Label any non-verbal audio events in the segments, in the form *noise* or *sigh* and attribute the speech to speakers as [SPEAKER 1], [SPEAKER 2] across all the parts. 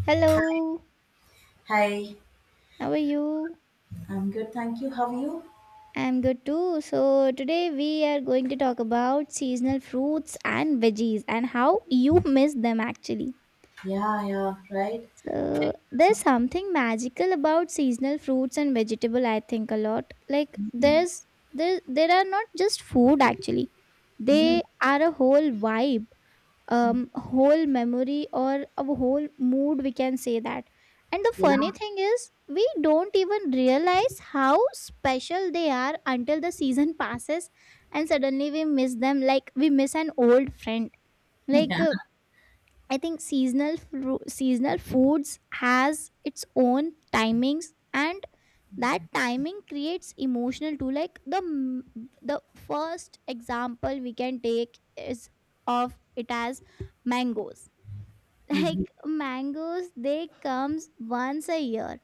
[SPEAKER 1] Hello,
[SPEAKER 2] Hi,
[SPEAKER 1] how are you?
[SPEAKER 2] I'm good, thank you. How are you?
[SPEAKER 1] I'm good too. So, today we are going to talk about seasonal fruits and veggies and how you miss them actually.
[SPEAKER 2] Yeah, yeah, right.
[SPEAKER 1] So, there's something magical about seasonal fruits and vegetable I think a lot. There are not just food actually.
[SPEAKER 2] Mm,
[SPEAKER 1] They are a whole vibe,
[SPEAKER 2] mm,
[SPEAKER 1] whole memory or a whole mood, we can say that. And the
[SPEAKER 2] yeah,
[SPEAKER 1] funny thing is, we don't even realize how special they are until the season *laughs* passes and suddenly we miss them like we miss an old friend.
[SPEAKER 2] *laughs*
[SPEAKER 1] Like,
[SPEAKER 2] yeah,
[SPEAKER 1] uh, I think seasonal foods has its own timings and that timing creates emotional too, like the first example we can take is of it as mangoes.
[SPEAKER 2] mhm,
[SPEAKER 1] Like mangoes, they comes once a year,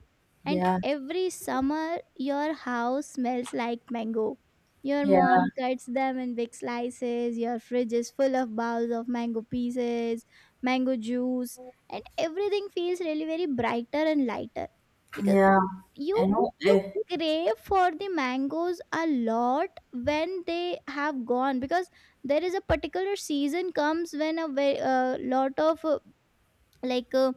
[SPEAKER 1] and
[SPEAKER 2] yeah,
[SPEAKER 1] every summer your house smells like mango, your
[SPEAKER 2] yeah,
[SPEAKER 1] mom cuts them in big slices, your fridge is full of bowls of mango pieces, mango juice, and everything feels really very brighter and lighter because
[SPEAKER 2] yeah.
[SPEAKER 1] you
[SPEAKER 2] I know.
[SPEAKER 1] you
[SPEAKER 2] I,
[SPEAKER 1] crave for the mangoes a lot when they have gone, because there is a particular season comes when a very lot of like uh,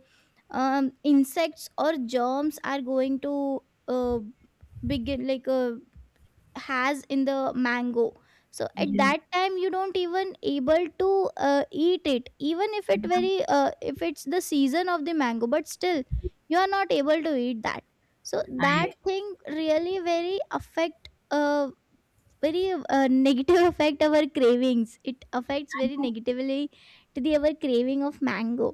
[SPEAKER 1] insects or germs are going to uh, begin like has in the mango. So at
[SPEAKER 2] yeah,
[SPEAKER 1] that time you don't even able to eat it, even if it very if it's the season of the mango, but still you are not able to eat that. So that
[SPEAKER 2] I,
[SPEAKER 1] thing really very affect, very negative *laughs* affect our cravings, it affects
[SPEAKER 2] I
[SPEAKER 1] very
[SPEAKER 2] know
[SPEAKER 1] negatively to the our craving of mango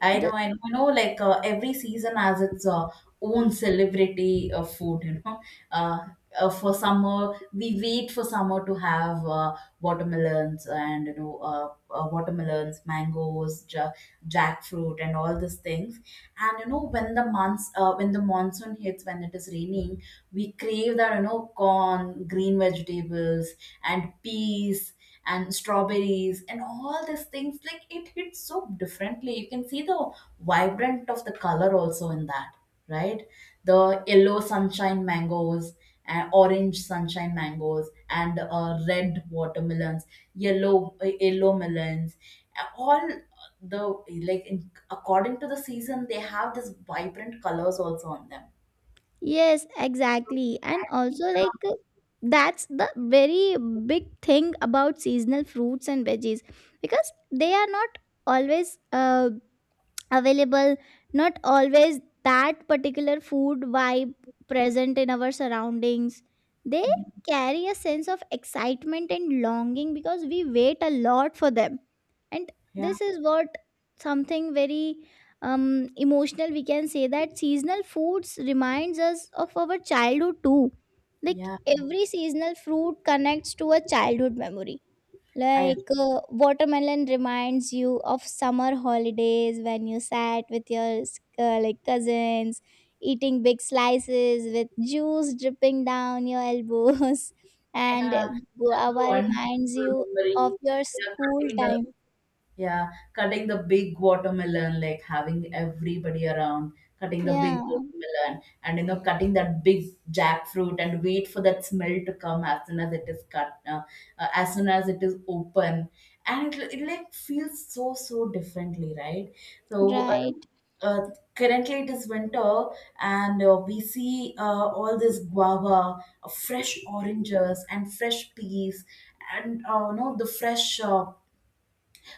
[SPEAKER 2] I know,
[SPEAKER 1] the
[SPEAKER 2] I know, I know. Like every season has its own celebrity food. Uh, for summer we wait for summer to have watermelons, and you know watermelons, mangoes, jackfruit, and all these things. And you know when when the monsoon hits, when it is raining, we crave that, you know, corn, green vegetables and peas and strawberries and all these things. Like, it hits so differently, you can see the vibrant of the color also in that, right? The yellow sunshine mangoes and orange sunshine mangoes and red watermelons, yellow yellow melons, all the like, in, according to the season, they have this vibrant colors also on them,
[SPEAKER 1] Yes, exactly. And
[SPEAKER 2] I think.
[SPEAKER 1] also, like, that's the very big thing about seasonal fruits and veggies because they are not always available, not always that particular food vibe present in our surroundings. They carry a sense of excitement and longing because we wait a lot for them, and
[SPEAKER 2] Yeah.
[SPEAKER 1] this is what something very, emotional, we can say, that seasonal foods reminds us of our childhood too. Like
[SPEAKER 2] Yeah,
[SPEAKER 1] every seasonal fruit connects to a childhood memory.
[SPEAKER 2] I have.
[SPEAKER 1] Like watermelon reminds you of summer holidays when you sat with your like cousins, eating big slices with juice dripping down your elbows, *laughs*
[SPEAKER 2] And,
[SPEAKER 1] and
[SPEAKER 2] a
[SPEAKER 1] guava
[SPEAKER 2] wonderful
[SPEAKER 1] reminds you of
[SPEAKER 2] memory.
[SPEAKER 1] your
[SPEAKER 2] Yeah,
[SPEAKER 1] school
[SPEAKER 2] cutting the,
[SPEAKER 1] time.
[SPEAKER 2] yeah, cutting the big watermelon, like, having everybody around, cutting the
[SPEAKER 1] Yeah,
[SPEAKER 2] big watermelon, and, you know, cutting that big jackfruit, and wait for that smell to come as soon as it is cut, as soon as it is open, and it like feels so so differently, right? So.
[SPEAKER 1] right.
[SPEAKER 2] uh, currently it is winter, and we see all this guava, fresh oranges and fresh peas, and you know, the fresh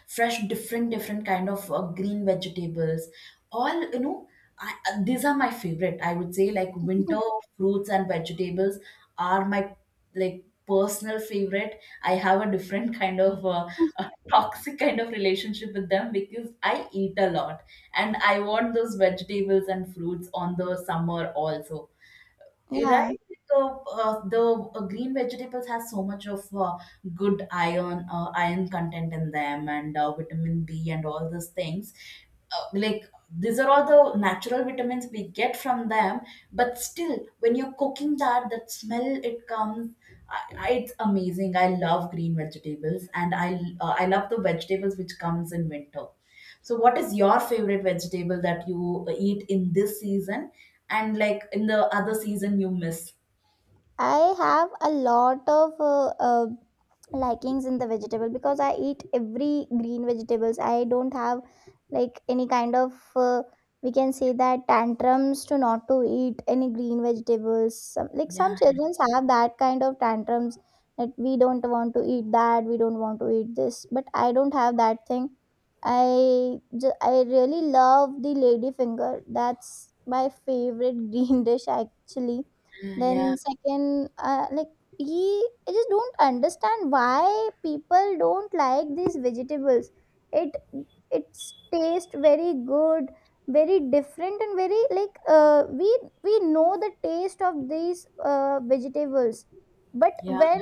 [SPEAKER 2] fresh different different kind of green vegetables, all you know. These are my favorite, I would say. Like winter fruits and vegetables are my like personal favorite. I have a different *laughs* kind of a toxic kind of relationship with them because I eat a lot, and I want those vegetables and fruits on the summer also.
[SPEAKER 1] Yeah.
[SPEAKER 2] Right, the green vegetables has so much of good iron, iron content in them, and vitamin B and all these things. Like, these are all the natural vitamins we get from them, but still, when you're cooking that, that smell it comes. It's amazing. I love green vegetables, and I love the vegetables which comes in winter. So, what is your favorite vegetable that you eat in this season, and like in the other season you miss?
[SPEAKER 1] I have a lot of likings in the vegetable because I eat every green vegetables. I don't have like any kind of, we can say that, tantrums to not to eat any green vegetables. Some, like
[SPEAKER 2] Yeah,
[SPEAKER 1] some children have that kind of tantrums that we don't want to eat that, we don't want to eat this. But I don't have that thing. I I really love the lady finger. That's my favorite *laughs* green dish actually.
[SPEAKER 2] yeah, yeah,
[SPEAKER 1] Then second, like he, I just don't understand why people don't like these vegetables. It it's taste very good, very different, and very like, we know the taste of these vegetables, but
[SPEAKER 2] yeah,
[SPEAKER 1] when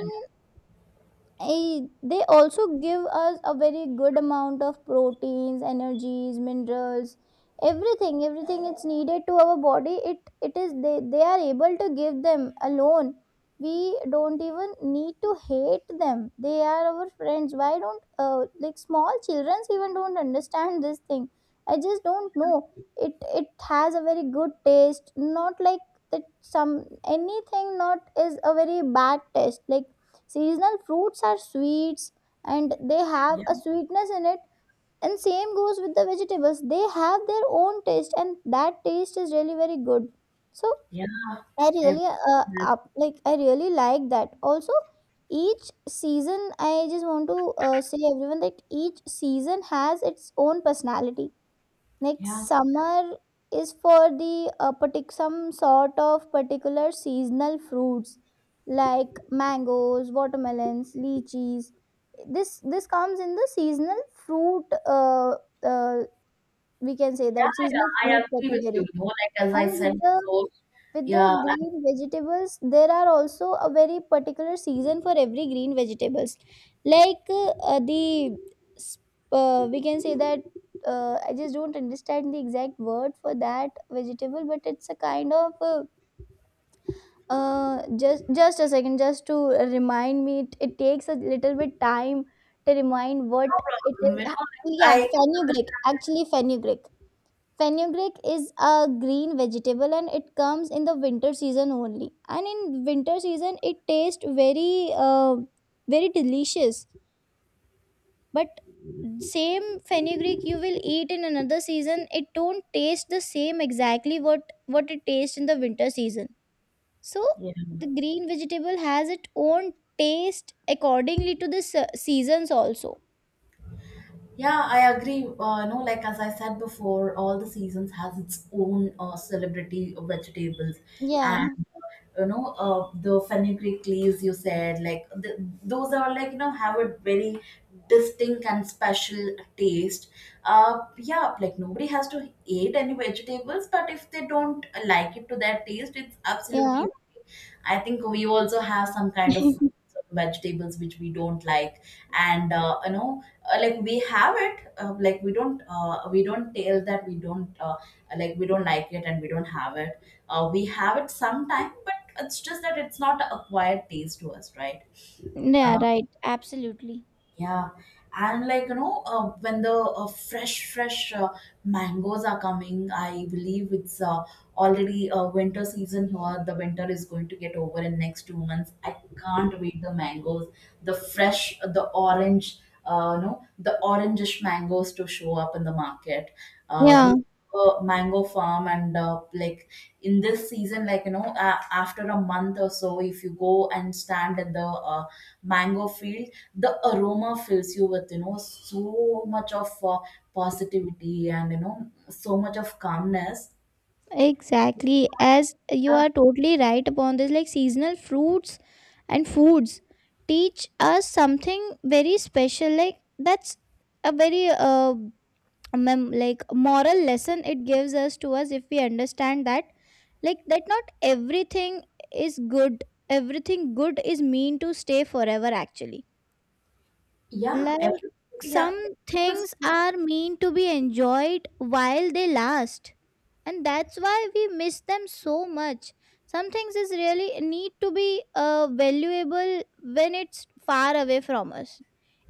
[SPEAKER 1] I, they also give us a very good amount of proteins, energies, minerals, everything. Everything it's needed to our body, it is, they are able to give them alone. We don't even need to hate them, they are our friends. Why don't like small children even don't understand this thing? I just don't know. It has a very good taste, not like that some anything not is a very bad taste. Like, seasonal fruits are sweets and they have
[SPEAKER 2] yeah,
[SPEAKER 1] a sweetness in it. And same goes with the vegetables. They have their own taste and that taste is really very good. So
[SPEAKER 2] yeah.
[SPEAKER 1] I
[SPEAKER 2] Ev-
[SPEAKER 1] really like I really like that. Also, each season I just want to say everyone that each season has its own personality. Next
[SPEAKER 2] Yeah,
[SPEAKER 1] summer is for the some sort of particular seasonal fruits like mangoes, watermelons, lychees. This comes in the seasonal fruit, uh, we can say
[SPEAKER 2] yeah,
[SPEAKER 1] that,
[SPEAKER 2] yeah.
[SPEAKER 1] seasonal
[SPEAKER 2] I
[SPEAKER 1] fruit
[SPEAKER 2] agree with you.
[SPEAKER 1] category.
[SPEAKER 2] You know, like as I
[SPEAKER 1] And with
[SPEAKER 2] said
[SPEAKER 1] the,
[SPEAKER 2] before,
[SPEAKER 1] with the
[SPEAKER 2] yeah, and
[SPEAKER 1] green vegetables, there are also a very particular season for every green vegetables. Like uh, the, sp- we can say that, I just don't understand the exact word for that vegetable, but it's a kind of, just a second, just to remind me. It takes a little bit time to remind what
[SPEAKER 2] no
[SPEAKER 1] it
[SPEAKER 2] problem.
[SPEAKER 1] is.
[SPEAKER 2] You
[SPEAKER 1] Ah,
[SPEAKER 2] know,
[SPEAKER 1] yeah,
[SPEAKER 2] like, I don't
[SPEAKER 1] fenugreek.
[SPEAKER 2] understand.
[SPEAKER 1] Actually, fenugreek. Fenugreek is a green vegetable and it comes in the winter season only. And in winter season, it tastes very delicious. But same fenugreek you will eat in another season, it don't taste the same exactly what it tastes in the winter season. So
[SPEAKER 2] Yeah.
[SPEAKER 1] the green vegetable has its own taste accordingly to the seasons also.
[SPEAKER 2] Yeah, I agree. No, like as I said before, all the seasons has its own celebrity vegetables, and
[SPEAKER 1] Yeah,
[SPEAKER 2] you know, the fenugreek leaves you said, those are like, you know, have a very distinct and special taste. Yeah, like nobody has to eat any vegetables, but if they don't like it to their taste, it's
[SPEAKER 1] yeah,
[SPEAKER 2] absolutely okay. I think we also have some kind of
[SPEAKER 1] *laughs*
[SPEAKER 2] vegetables which we don't like, and you know, like we have it like we don't tell that we don't like we don't like it, and we don't have it, we have it sometime, but it's just that it's not acquired taste to us, right?
[SPEAKER 1] yeah.
[SPEAKER 2] Uh,
[SPEAKER 1] Right. Absolutely.
[SPEAKER 2] yeah, and like, you know, when the fresh mangoes are coming, I believe it's already winter season here. The winter is going to get over in next 2 months. I can't wait the mangoes, the fresh, the orange, no, the orangish mangoes, to show up in the market. We
[SPEAKER 1] Yeah.
[SPEAKER 2] have a mango farm, and like in this season, like, you know, after a month or so, if you go and stand at the mango field, the aroma fills you with, you know, so much of positivity and, you know, so much of calmness.
[SPEAKER 1] Exactly, as you
[SPEAKER 2] uh,
[SPEAKER 1] are totally right upon this. Like, seasonal fruits and foods teach us something very special. Like that's a very like moral lesson it gives us to us, if we understand that, like, that not everything is good. Everything good is mean to stay forever actually.
[SPEAKER 2] yeah
[SPEAKER 1] Like,
[SPEAKER 2] every, yeah.
[SPEAKER 1] some things are meant to be enjoyed while they last, and that's why we miss them so much. Some things is really need to be valuable when it's far away from us.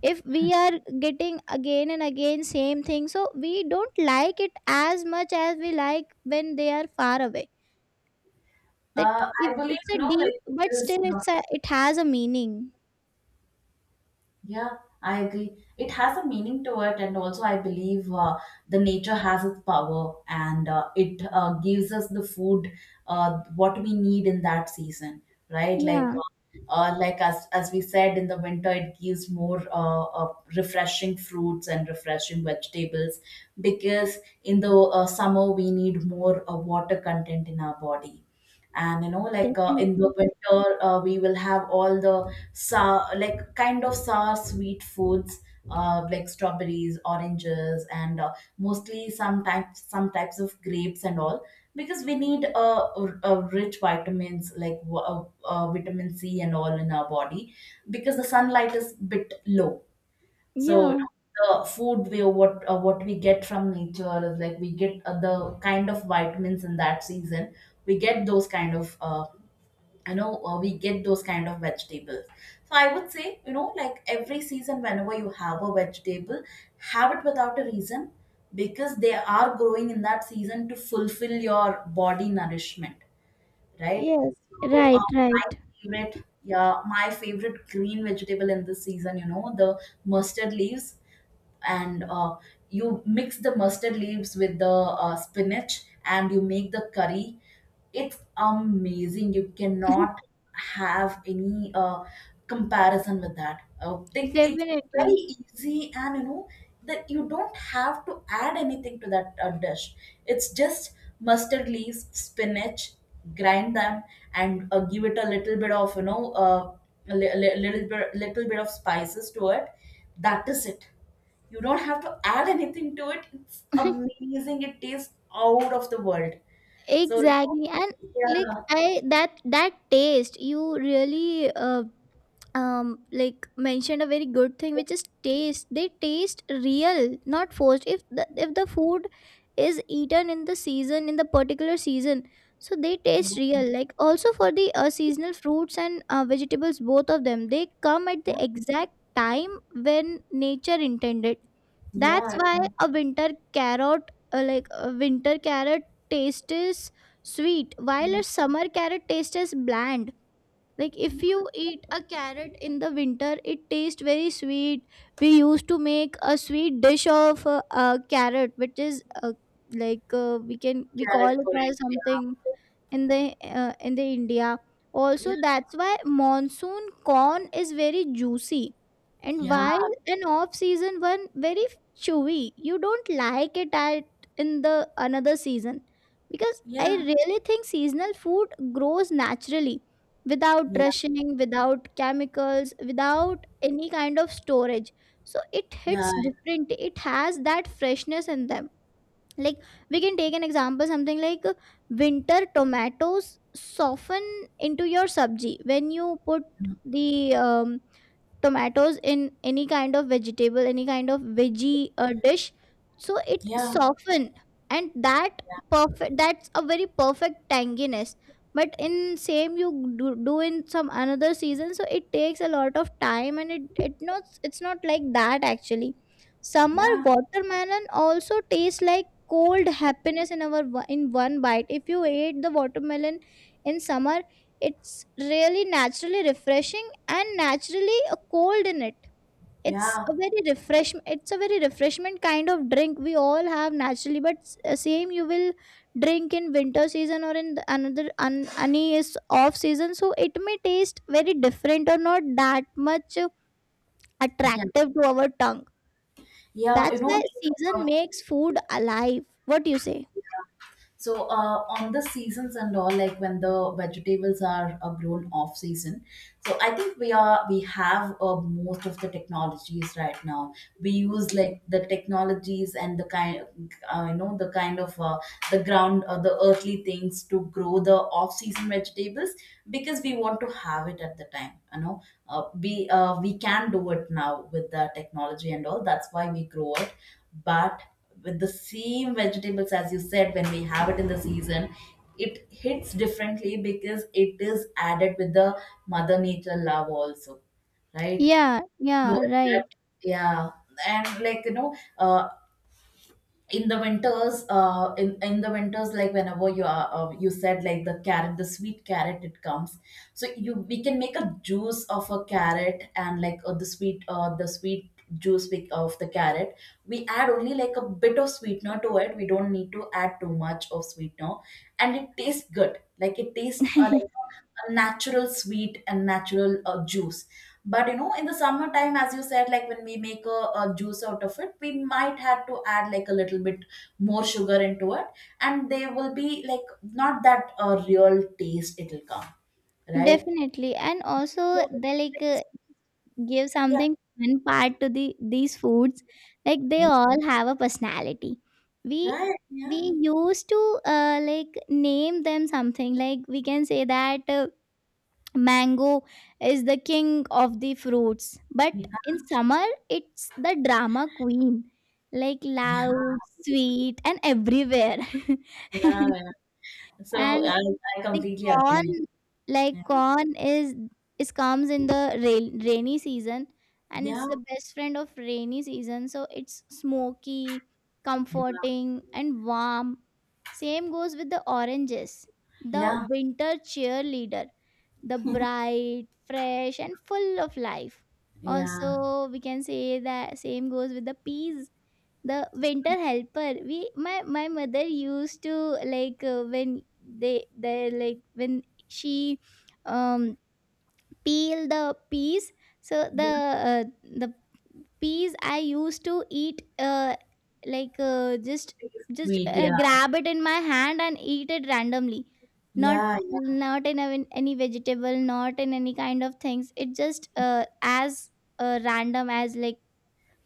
[SPEAKER 1] If we are getting again and again same thing, so we don't like it as much as we like when they are far away. That
[SPEAKER 2] I
[SPEAKER 1] if
[SPEAKER 2] believe,
[SPEAKER 1] it's a
[SPEAKER 2] you know, like
[SPEAKER 1] deep,
[SPEAKER 2] it
[SPEAKER 1] but
[SPEAKER 2] is
[SPEAKER 1] still it's a, it has a meaning.
[SPEAKER 2] yeah, I agree. It has a meaning to it, and also I believe the nature has its power, and it gives us the food, what we need in that season, right?
[SPEAKER 1] Yeah,
[SPEAKER 2] Like as we said, in the winter, it gives more refreshing fruits and refreshing vegetables, because in the summer we need more water content in our body, and you know, like, in the
[SPEAKER 1] definitely.
[SPEAKER 2] winter we will have all the sour, like kind of sour sweet foods, like strawberries, oranges, and mostly some types of grapes and all, because we need rich vitamins like vitamin C and all in our body, because the sunlight is bit low, so you
[SPEAKER 1] Yeah.
[SPEAKER 2] know, the food we what we get from nature is, like, we get the kind of vitamins in that season. We get those kind of you know, we get those kind of vegetables. So I would say, you know, like every season, whenever you have a vegetable, have it without a reason, because they are growing in that season to fulfill your body nourishment, right?
[SPEAKER 1] Yes,
[SPEAKER 2] So
[SPEAKER 1] right, right.
[SPEAKER 2] my favorite, yeah, my favorite green vegetable in this season, you know, the mustard leaves, and you mix the mustard leaves with the spinach, and you make the curry. It's amazing, you cannot
[SPEAKER 1] *laughs*
[SPEAKER 2] have any comparison with that. It's very
[SPEAKER 1] Definitely.
[SPEAKER 2] easy, and you know that you don't have to add anything to that dish. It's just mustard leaves, spinach, grind them, and give it a little bit of, you know, a li- li- little bit of spices to it. That is it, you don't have to add anything to it. It's
[SPEAKER 1] *laughs*
[SPEAKER 2] amazing. It tastes out of the world. So
[SPEAKER 1] Exactly. And like
[SPEAKER 2] yeah,
[SPEAKER 1] I that that taste, you really, like mentioned a very good thing which is taste. They taste real, not forced, if the food is eaten in the season, in the particular season. So they taste real, like also for the seasonal fruits and vegetables. Both of them, they come at the exact time when nature intended. That's
[SPEAKER 2] yeah,
[SPEAKER 1] why a winter carrot, like a winter carrot taste is sweet, while a summer carrot taste is bland. Like if
[SPEAKER 2] yeah.
[SPEAKER 1] you eat a carrot in the winter it tastes very sweet. We used to make a sweet dish of carrot, which is like we can, we call
[SPEAKER 2] Carrot
[SPEAKER 1] it as
[SPEAKER 2] porridge.
[SPEAKER 1] something
[SPEAKER 2] Yeah,
[SPEAKER 1] in the, in the India. Also, that's why monsoon corn is very juicy, and
[SPEAKER 2] yeah,
[SPEAKER 1] while an off season one very chewy. You don't like it at in the another season, because I
[SPEAKER 2] yeah,
[SPEAKER 1] really think seasonal food grows naturally, without
[SPEAKER 2] yeah,
[SPEAKER 1] rushing, without chemicals, without any kind of storage. So it
[SPEAKER 2] yeah,
[SPEAKER 1] hits different. It has that freshness in them. Like, we can take an example something like, winter tomatoes soften into your sabji when you put the, um, tomatoes in any kind of vegetable, any kind of veggie dish, so it
[SPEAKER 2] yeah, yeah,
[SPEAKER 1] soften, and that perfect, that's a very perfect tanginess. But in same you do in some another season, so it takes a lot of time, and it's not like that actually. Summer
[SPEAKER 2] yeah,
[SPEAKER 1] watermelon also tastes like cold happiness in our, in one bite if you ate the watermelon in summer. It's really naturally refreshing and naturally a cold in it. It's
[SPEAKER 2] yeah,
[SPEAKER 1] a very refresh. It's a very refreshment kind of drink we all have naturally. But s- same you will drink in winter season or in the another un, any is off season, so it may taste very different or not that much
[SPEAKER 2] yeah.
[SPEAKER 1] attractive to our tongue.
[SPEAKER 2] Yeah. You
[SPEAKER 1] That's
[SPEAKER 2] know, like,
[SPEAKER 1] why season makes food alive. What do you say?
[SPEAKER 2] so on the seasons and all, like when the vegetables are grown off season, so I think we are we have most of the technologies right now. We use like the technologies and the kind, you know, the kind of the earthly things to grow the off season vegetables, because we want to have it at the time. You know, we can do it now with the technology and all. That's why we grow it, but with the same vegetables, as you said, when we have it in the season, it hits differently, because it is added with the mother nature love also, right?
[SPEAKER 1] Yeah,
[SPEAKER 2] So
[SPEAKER 1] yeah,
[SPEAKER 2] that,
[SPEAKER 1] right.
[SPEAKER 2] yeah, and like, you know, in the winters, in the winters, like, whenever you are, you said, like, the carrot, the sweet carrot, it comes, so you, we can make a juice of a carrot, and like, the sweet of the carrot, we add only like a bit of sweetener to it, we don't need to add too much of sweetener, and it tastes good, like it tastes like a natural sweet and natural juice, but you know, in the summertime, as you said, like when we make a juice out of it, we might have to add like a little bit more sugar into it, and they will be like not that real taste it'll come, right?
[SPEAKER 1] Definitely. And
[SPEAKER 2] so
[SPEAKER 1] also the
[SPEAKER 2] it's-
[SPEAKER 1] like give
[SPEAKER 2] yeah,
[SPEAKER 1] something fun part to the these foods, like they all have a personality. we
[SPEAKER 2] right. Yeah.
[SPEAKER 1] we used to like name them something, like we can say that, mango is the king of the fruits, but
[SPEAKER 2] Yeah.
[SPEAKER 1] in summer it's the drama queen, like
[SPEAKER 2] Yeah,
[SPEAKER 1] loud, sweet, and everywhere.
[SPEAKER 2] yeah. Yeah.
[SPEAKER 1] *laughs*
[SPEAKER 2] So
[SPEAKER 1] And
[SPEAKER 2] I, I
[SPEAKER 1] the
[SPEAKER 2] completely agree
[SPEAKER 1] corn,
[SPEAKER 2] with you.
[SPEAKER 1] like
[SPEAKER 2] Yeah,
[SPEAKER 1] corn, is comes in the rain, rainy season, and it's
[SPEAKER 2] yeah,
[SPEAKER 1] the best friend of rainy season. So it's smoky,
[SPEAKER 2] yeah,
[SPEAKER 1] comforting, and warm. Same goes with the oranges, the
[SPEAKER 2] yeah,
[SPEAKER 1] winter cheerleader, the bright, fresh, and full of life.
[SPEAKER 2] yeah,
[SPEAKER 1] Also, we can say that same goes with the peas, the winter helper. We my my mother used to, like, when they like when she, um peel the peas, so
[SPEAKER 2] yeah.
[SPEAKER 1] the, uh, the peas I used to eat, just
[SPEAKER 2] Sweet, yeah,
[SPEAKER 1] grab it in my hand and eat it randomly, not
[SPEAKER 2] yeah, yeah.
[SPEAKER 1] not in any vegetable, not in any kind of things. It just, as random as like,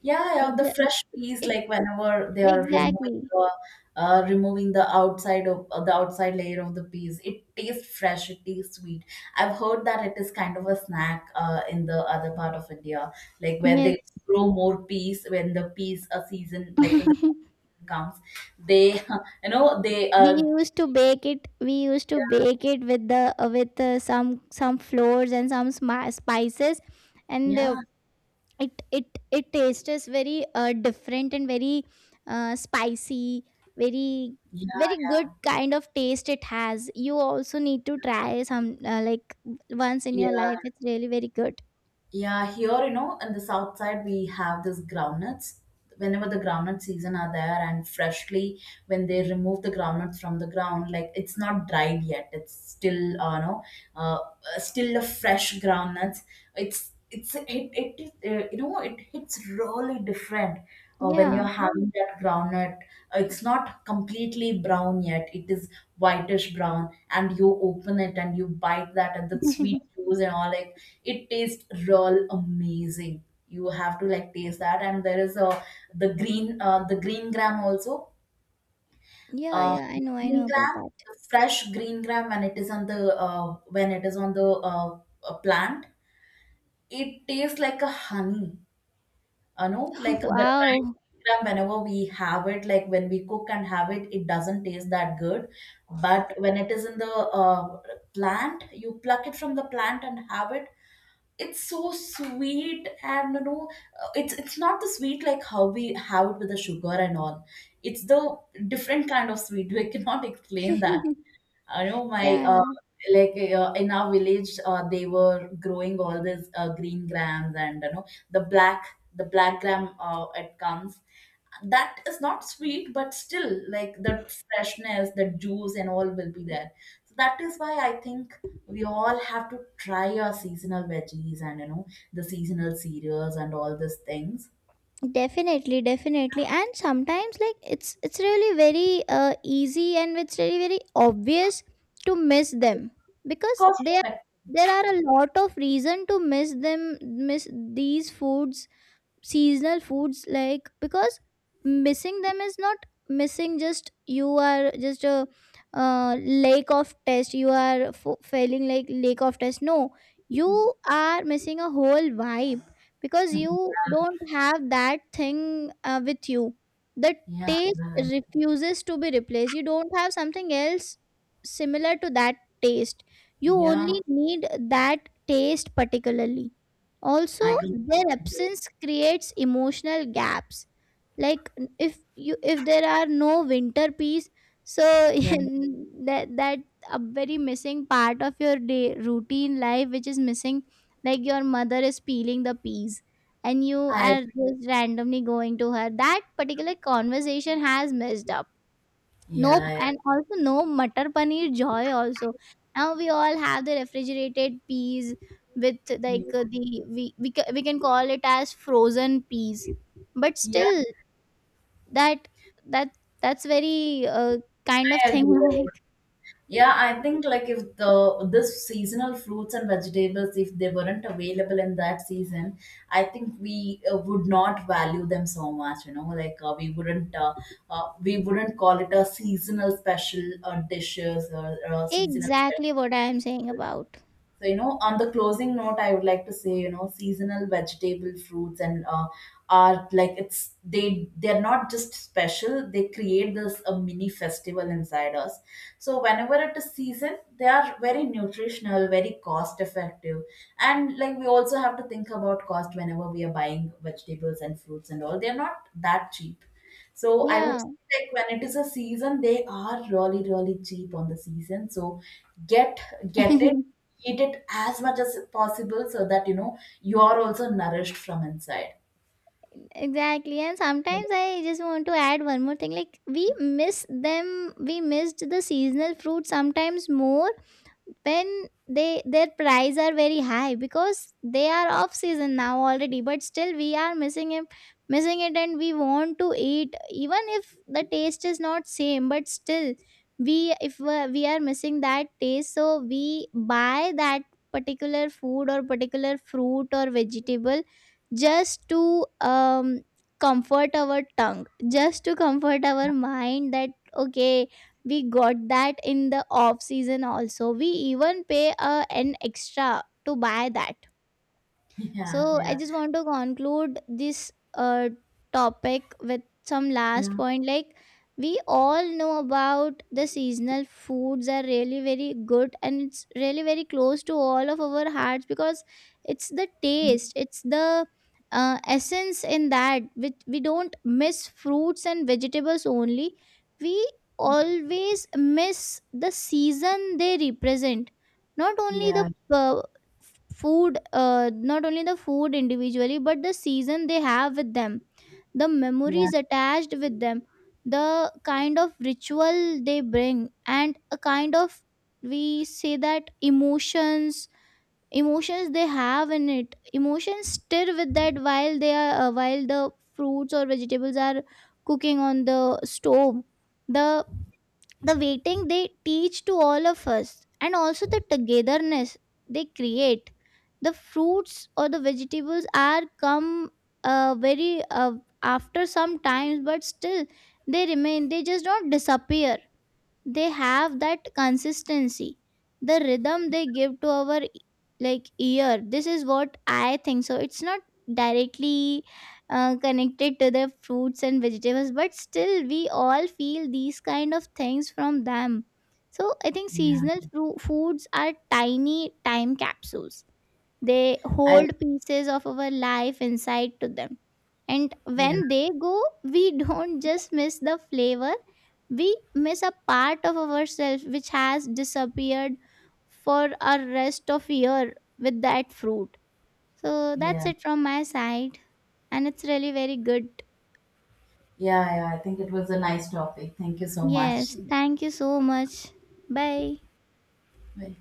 [SPEAKER 2] Yeah,
[SPEAKER 1] I
[SPEAKER 2] yeah, the
[SPEAKER 1] ju-
[SPEAKER 2] fresh
[SPEAKER 1] it,
[SPEAKER 2] peas,
[SPEAKER 1] it
[SPEAKER 2] like whenever they are
[SPEAKER 1] exactly.
[SPEAKER 2] removing the outside of the outside layer of the peas, it tastes fresh, it tastes sweet. I've heard that it is kind of a snack in the other part of India, like where
[SPEAKER 1] Yes.
[SPEAKER 2] they grow more peas when the peas are season, like when
[SPEAKER 1] *laughs*
[SPEAKER 2] comes, they, *laughs* you know, they
[SPEAKER 1] We
[SPEAKER 2] uh,
[SPEAKER 1] used to bake it. We used to bake it with the with some flours and some spices, and
[SPEAKER 2] yeah,
[SPEAKER 1] it it it tastes very different and very spicy, very very
[SPEAKER 2] yeah,
[SPEAKER 1] good kind of taste it has. You also need to try some like once in
[SPEAKER 2] yeah.
[SPEAKER 1] your life. It's really very good.
[SPEAKER 2] Yeah, here, you know, in the south side, we have this groundnuts. Whenever the groundnut season are there, and freshly, when they remove the groundnuts from the ground, like it's not dried yet. It's still, no, still a fresh groundnuts. It's, it, it, it You know, it hits really different when you're
[SPEAKER 1] Yeah,
[SPEAKER 2] having that groundnut, it's not completely brown yet. It is whitish brown, and you open it and you bite that, and the sweet juice and all, like, it tastes real amazing. You have to like taste that, and there is a the green gram also.
[SPEAKER 1] yeah, yeah.
[SPEAKER 2] The
[SPEAKER 1] I
[SPEAKER 2] green
[SPEAKER 1] know about
[SPEAKER 2] gram,
[SPEAKER 1] that.
[SPEAKER 2] the fresh green gram, when it is on the when it is on the plant, it tastes like a honey, you know, like
[SPEAKER 1] *laughs*
[SPEAKER 2] the dried
[SPEAKER 1] Wow.
[SPEAKER 2] gram, whenever we have it, like when we cook and have it, it doesn't taste that good, but when it is in the uh, plant, you pluck it from the plant and have it, it's so sweet, and you know, it's not the sweet like how we have it with the sugar and all, it's the different kind of sweet *laughs* we cannot explain that.
[SPEAKER 1] *laughs*
[SPEAKER 2] I know my
[SPEAKER 1] Yeah.
[SPEAKER 2] like in our village, they were growing all this green grams, and you know, the black the black gram, it comes, that is not sweet, but still like the freshness, the juice and all will be there. So that is why I think we all have to try our seasonal veggies, and you know, the seasonal cereals and all these things.
[SPEAKER 1] Definitely definitely, and sometimes like it's really very easy, and it's really very obvious to miss them because
[SPEAKER 2] Cost
[SPEAKER 1] they are
[SPEAKER 2] effective.
[SPEAKER 1] there are a lot of reason to miss them, miss these foods, seasonal foods, like because missing them is not missing, just you are just a lake of test, you are failing like lake of test, no, you are missing a whole vibe because
[SPEAKER 2] *laughs*
[SPEAKER 1] you don't have that thing with you. The
[SPEAKER 2] Yeah,
[SPEAKER 1] taste
[SPEAKER 2] right.
[SPEAKER 1] refuses to be replaced, you don't have something else similar to that taste, you
[SPEAKER 2] Yeah,
[SPEAKER 1] only need that taste particularly. Also,
[SPEAKER 2] I can.
[SPEAKER 1] their absence creates emotional gaps, like if you, if there are no winter peas, so
[SPEAKER 2] Yeah.
[SPEAKER 1] *laughs* that a very missing part of your day routine life, which is missing, like your mother is peeling the peas and you
[SPEAKER 2] I.
[SPEAKER 1] are just randomly going to her, that particular conversation has messed up. No,
[SPEAKER 2] Yeah.
[SPEAKER 1] and also no Matar Paneer joy also. Now we all have the refrigerated peas with
[SPEAKER 2] Yeah,
[SPEAKER 1] like the we can call it as frozen peas. But still, that that that's very kind of
[SPEAKER 2] I
[SPEAKER 1] thing,
[SPEAKER 2] agree.
[SPEAKER 1] *laughs* like
[SPEAKER 2] Yeah, I think, like, if the this seasonal fruits and vegetables, if they weren't available in that season, I think we would not value them so much. You know, like, we wouldn't call it a seasonal special dishes, or seasonal special.
[SPEAKER 1] exactly what I am saying about.
[SPEAKER 2] So, you know, on the closing note, I would like to say, you know, seasonal vegetable fruits and are like, it's, they they're not just special, they create this a mini festival inside us. So whenever it is season, they are very nutritional, very cost effective, and like we also have to think about cost whenever we are buying vegetables and fruits and all. They're not that cheap. So I would
[SPEAKER 1] Yeah.
[SPEAKER 2] say, like, when it is a season, they are really, really cheap on the season. So get get it,
[SPEAKER 1] *laughs*
[SPEAKER 2] eat it as much as possible, so that, you know, you are also nourished from inside.
[SPEAKER 1] Exactly. And sometimes
[SPEAKER 2] *laughs*
[SPEAKER 1] I just want to add one more thing. Like we miss them, we missed the seasonal fruit sometimes more when they, their price are very high because they are off season now already, but still we are missing it, missing it, and we want to eat even if the taste is not same but still we, if we are missing that taste, so we buy that particular food or particular fruit or vegetable just to comfort our tongue, just to comfort our mind that okay, we got that in the off season also, we even pay an extra to buy that.
[SPEAKER 2] Yeah,
[SPEAKER 1] So I
[SPEAKER 2] yeah,
[SPEAKER 1] just want to conclude this topic with some last
[SPEAKER 2] yeah,
[SPEAKER 1] point. Like we all know about the seasonal foods are really very good, and it's really very close to all of our hearts because it's the taste, it's the essence in that, which we don't miss fruits and vegetables only. We always miss the season they represent. Not only the
[SPEAKER 2] yeah,
[SPEAKER 1] uh, food, not only the food individually, but the season they have with them, the
[SPEAKER 2] yeah,
[SPEAKER 1] memories attached with them, the kind of ritual they bring, and a kind of, we say that emotions, emotions they have in it, emotions stir with that while they are while the fruits or vegetables are cooking on the stove, the the waiting they teach to all of us, and also the togetherness they create. The fruits or the vegetables are come very after some times, but still they remain, they just don't disappear, they have that consistency, the rhythm they give to our like ear. This is what I think, so it's not directly connected to the fruits and vegetables, but still we all feel these kind of things from them. So I think
[SPEAKER 2] yeah.
[SPEAKER 1] seasonal foods are tiny time capsules, they
[SPEAKER 2] I
[SPEAKER 1] hold pieces of our life inside to them. And
[SPEAKER 2] yeah,
[SPEAKER 1] when they go, we don't just miss the flavor, we miss a part of ourselves which has disappeared for our rest of year with that fruit. So that's
[SPEAKER 2] yeah,
[SPEAKER 1] it from my side, and it's really very good.
[SPEAKER 2] yeah, yeah. I think it was a nice topic. Thank you so much.
[SPEAKER 1] Yes, thank you so much. Bye.
[SPEAKER 2] Bye.